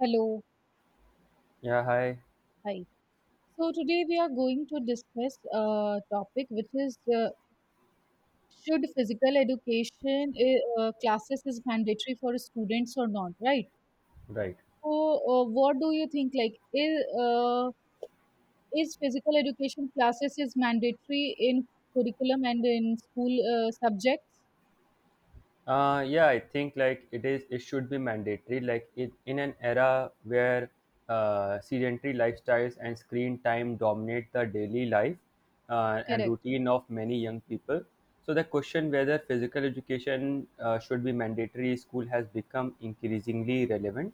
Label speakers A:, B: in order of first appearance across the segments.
A: Hello,
B: Yeah, hi.
A: hi. So today we are going to discuss a topic which is should physical education classes is mandatory for students or not, right?
B: Right.
A: So what do you think? Like, is physical education classes is mandatory in curriculum and in school subjects?
B: Yeah, I think like it is. It should be mandatory. Like it, in an era where sedentary lifestyles and screen time dominate the daily life and
A: Correct,
B: routine of many young people. So the question whether physical education should be mandatory in school has become increasingly relevant.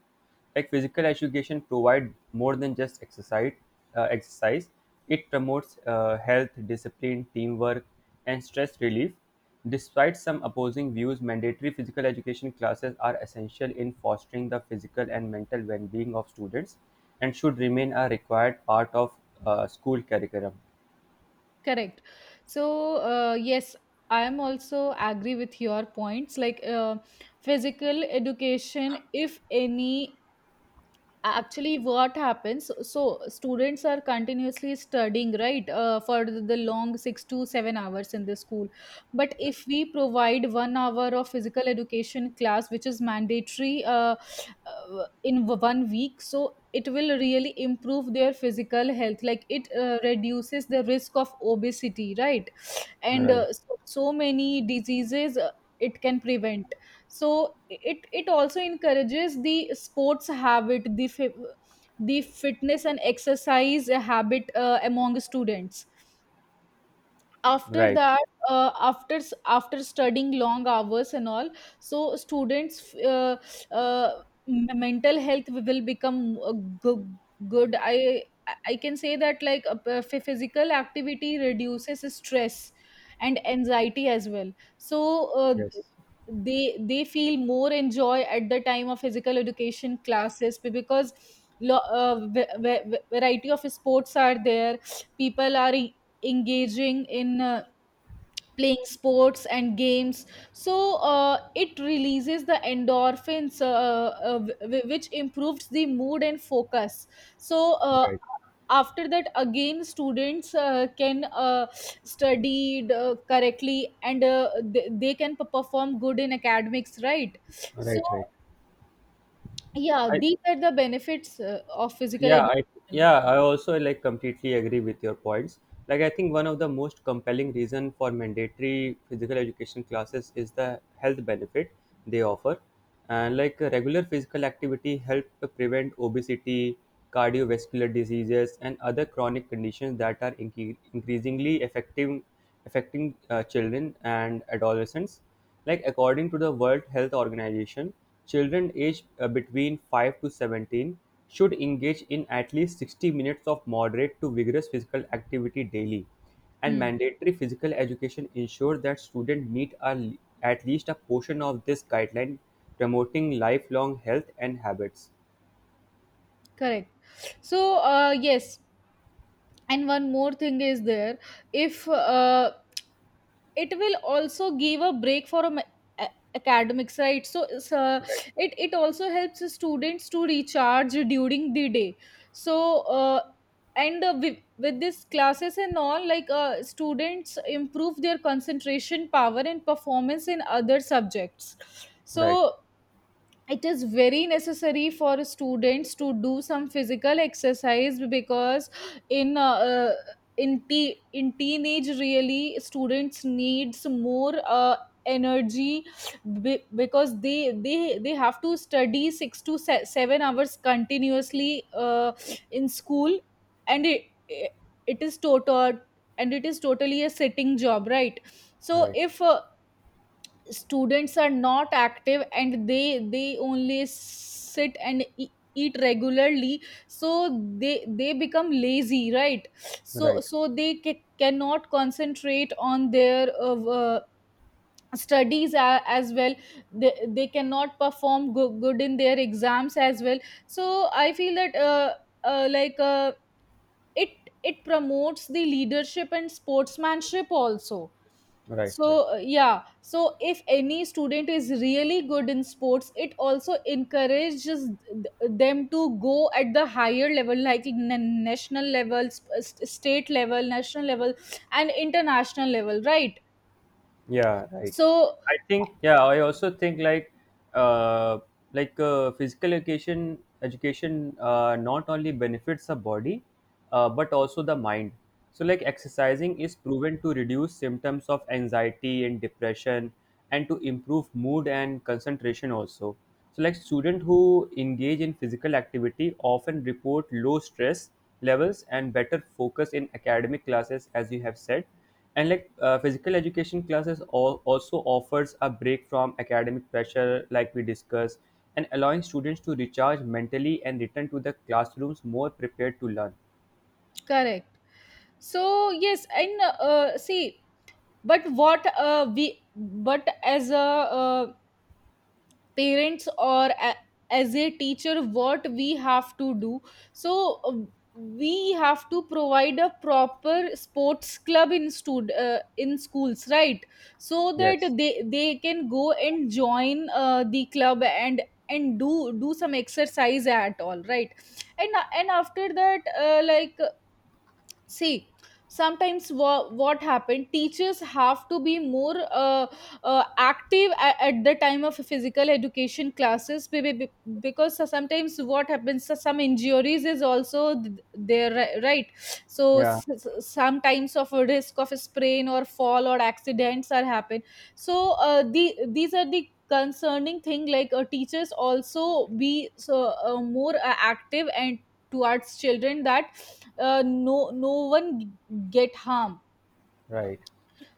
B: Like physical education provide more than just exercise. Uh, exercise. It promotes health, discipline, teamwork, and stress relief. Despite some opposing views, mandatory physical education classes are essential in fostering the physical and mental well-being of students and should remain a required part of school curriculum.
A: correct. So, yes, I am also agree with your points. Like, physical education, if any actually what happens so students are continuously studying right for the long 6 to 7 hours in the school, but if we provide 1 hour of physical education class which is mandatory in 1 week, so it will really improve their physical health. Like it reduces the risk of obesity, right, and
B: Right.
A: so many diseases it can prevent. So it also encourages the sports habit, the the fitness and exercise habit among students. After
B: Right.
A: that, after after studying long hours and all, so students uh, mental health will become go- good. I can say that, like, physical activity reduces stress and anxiety as well. So
B: Yes.
A: they feel more enjoy at the time of physical education classes because variety of sports are there. People are engaging in playing sports and games. So it releases the endorphins which improves the mood and focus. So
B: Right.
A: after that again students can study correctly, and they can perform good in academics, right? So
B: Right. Right.
A: yeah,
B: I,
A: these are the benefits of physical
B: yeah i
A: education.
B: yeah I also like completely agree with your points. Like I think one of the most compelling reason for mandatory physical education classes is the health benefit they offer. And like regular physical activity help to prevent obesity, cardiovascular diseases and other chronic conditions that are increasingly affecting children and adolescents. Like according to the World Health Organization, children aged between 5 to 17 should engage in at least 60 minutes of moderate to vigorous physical activity daily. And
A: Hmm,
B: mandatory physical education ensures that students meet at least a portion of this guideline, promoting lifelong health and habits.
A: correct. So yes, and one more thing is there. If it will also give a break for a- academics, right? So it's, uh,
B: Right,
A: it it also helps the students to recharge during the day. So with this classes and all, like students improve their concentration power and performance in other subjects.
B: right,
A: So it is very necessary for students to do some physical exercise, because in in teenage really students needs more energy, because they have to study 6 to 7 hours continuously in school. And it is total it is totally a sitting job, right? So
B: right,
A: if students are not active and they only sit and eat regularly, so they become lazy, right? So
B: right,
A: so they cannot concentrate on their studies as well. They they, cannot perform good in their exams as well. So I feel that uh, like uh, it it promotes the leadership and sportsmanship also.
B: right, right.
A: So, yeah, so if any student is really good in sports, it also encourages them to go at the higher level, like national level, state level, national level, and international level, right?
B: Yeah, right.
A: So,
B: I also think like uh physical education not only benefits the body but also the mind. So like exercising is proven to reduce symptoms of anxiety and depression and to improve mood and concentration also. So like students who engage in physical activity often report low stress levels and better focus in academic classes, as you have said. And like physical education classes all also offers a break from academic pressure, like we discussed, and allowing students to recharge mentally and return to the classrooms more prepared to learn.
A: correct. So, yes, and see, but as a parents, or as a teacher, what we have to do. So we have to provide a proper sports club in stud in schools, right, so that
B: Yes.
A: they can go and join the club, and do some exercise at all, right. And after that, like, see, sometimes what happened, teachers have to be more active at the time of physical education classes, because, so sometimes what happens, so some injuries is also there, right. So
B: Yeah,
A: sometimes of a risk of a sprain or fall or accidents are happen. So these are the concerning thing, like teachers also be so more active and towards children, that no, no one get harm.
B: right.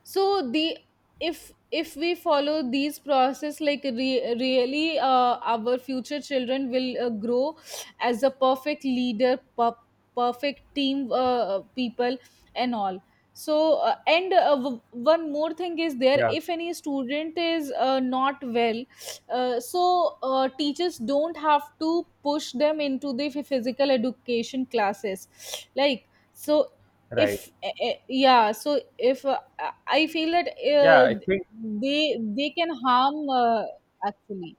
A: So the, if we follow these process, like really our future children will grow as a perfect leader, perfect team people and all. So one more thing is there,
B: yeah
A: if any student is not well, teachers don't have to push them into the physical education classes, like, so,
B: right
A: if yeah, so if I feel that
B: yeah
A: uh,
B: i think
A: they can harm actually.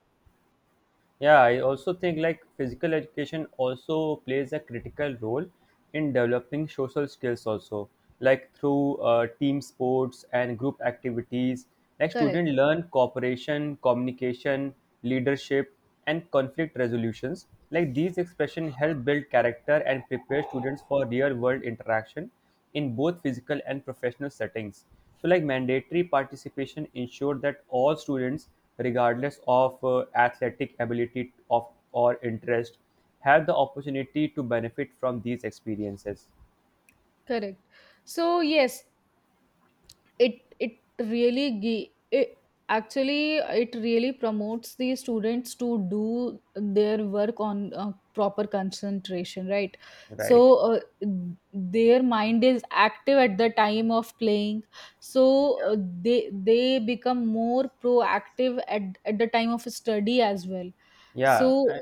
B: yeah i also think like physical education also plays a critical role in developing social skills also, like through team sports and group activities. Like
A: Correct,
B: students learn cooperation, communication, leadership and conflict resolutions. Like these expressions help build character and prepare students for real world interaction in both physical and professional settings. So, like mandatory participation ensure that all students, regardless of athletic ability of or interest, have the opportunity to benefit from these experiences.
A: correct. So yes, it really gi- it actually it really promotes the students to do their work on proper concentration, right?
B: Right.
A: So their mind is active at the time of playing, so they become more proactive at the time of study as well.
B: Yeah.
A: So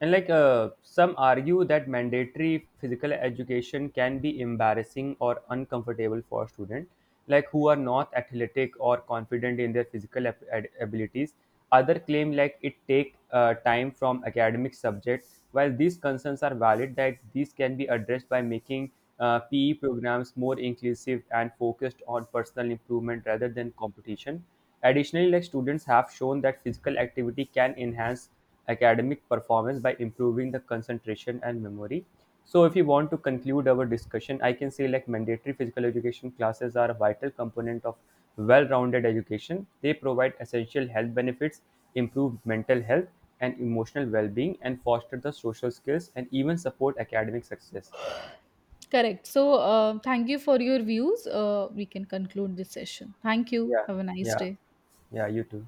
B: And like some argue that mandatory physical education can be embarrassing or uncomfortable for students, like who are not athletic or confident in their physical abilities. Other claim like it take time from academic subjects. While these concerns are valid, that these can be addressed by making PE programs more inclusive and focused on personal improvement rather than competition. Additionally, like students have shown that physical activity can enhance academic performance by improving the concentration and memory. So if you want to conclude our discussion, I can say like mandatory physical education classes are a vital component of well-rounded education. They provide essential health benefits, improve mental health and emotional well-being, and foster the social skills and even support academic success.
A: correct. So, thank you for your views. We can conclude this session. Thank you.
B: Yeah.
A: Have a nice
B: Yeah.
A: day.
B: Yeah, you too.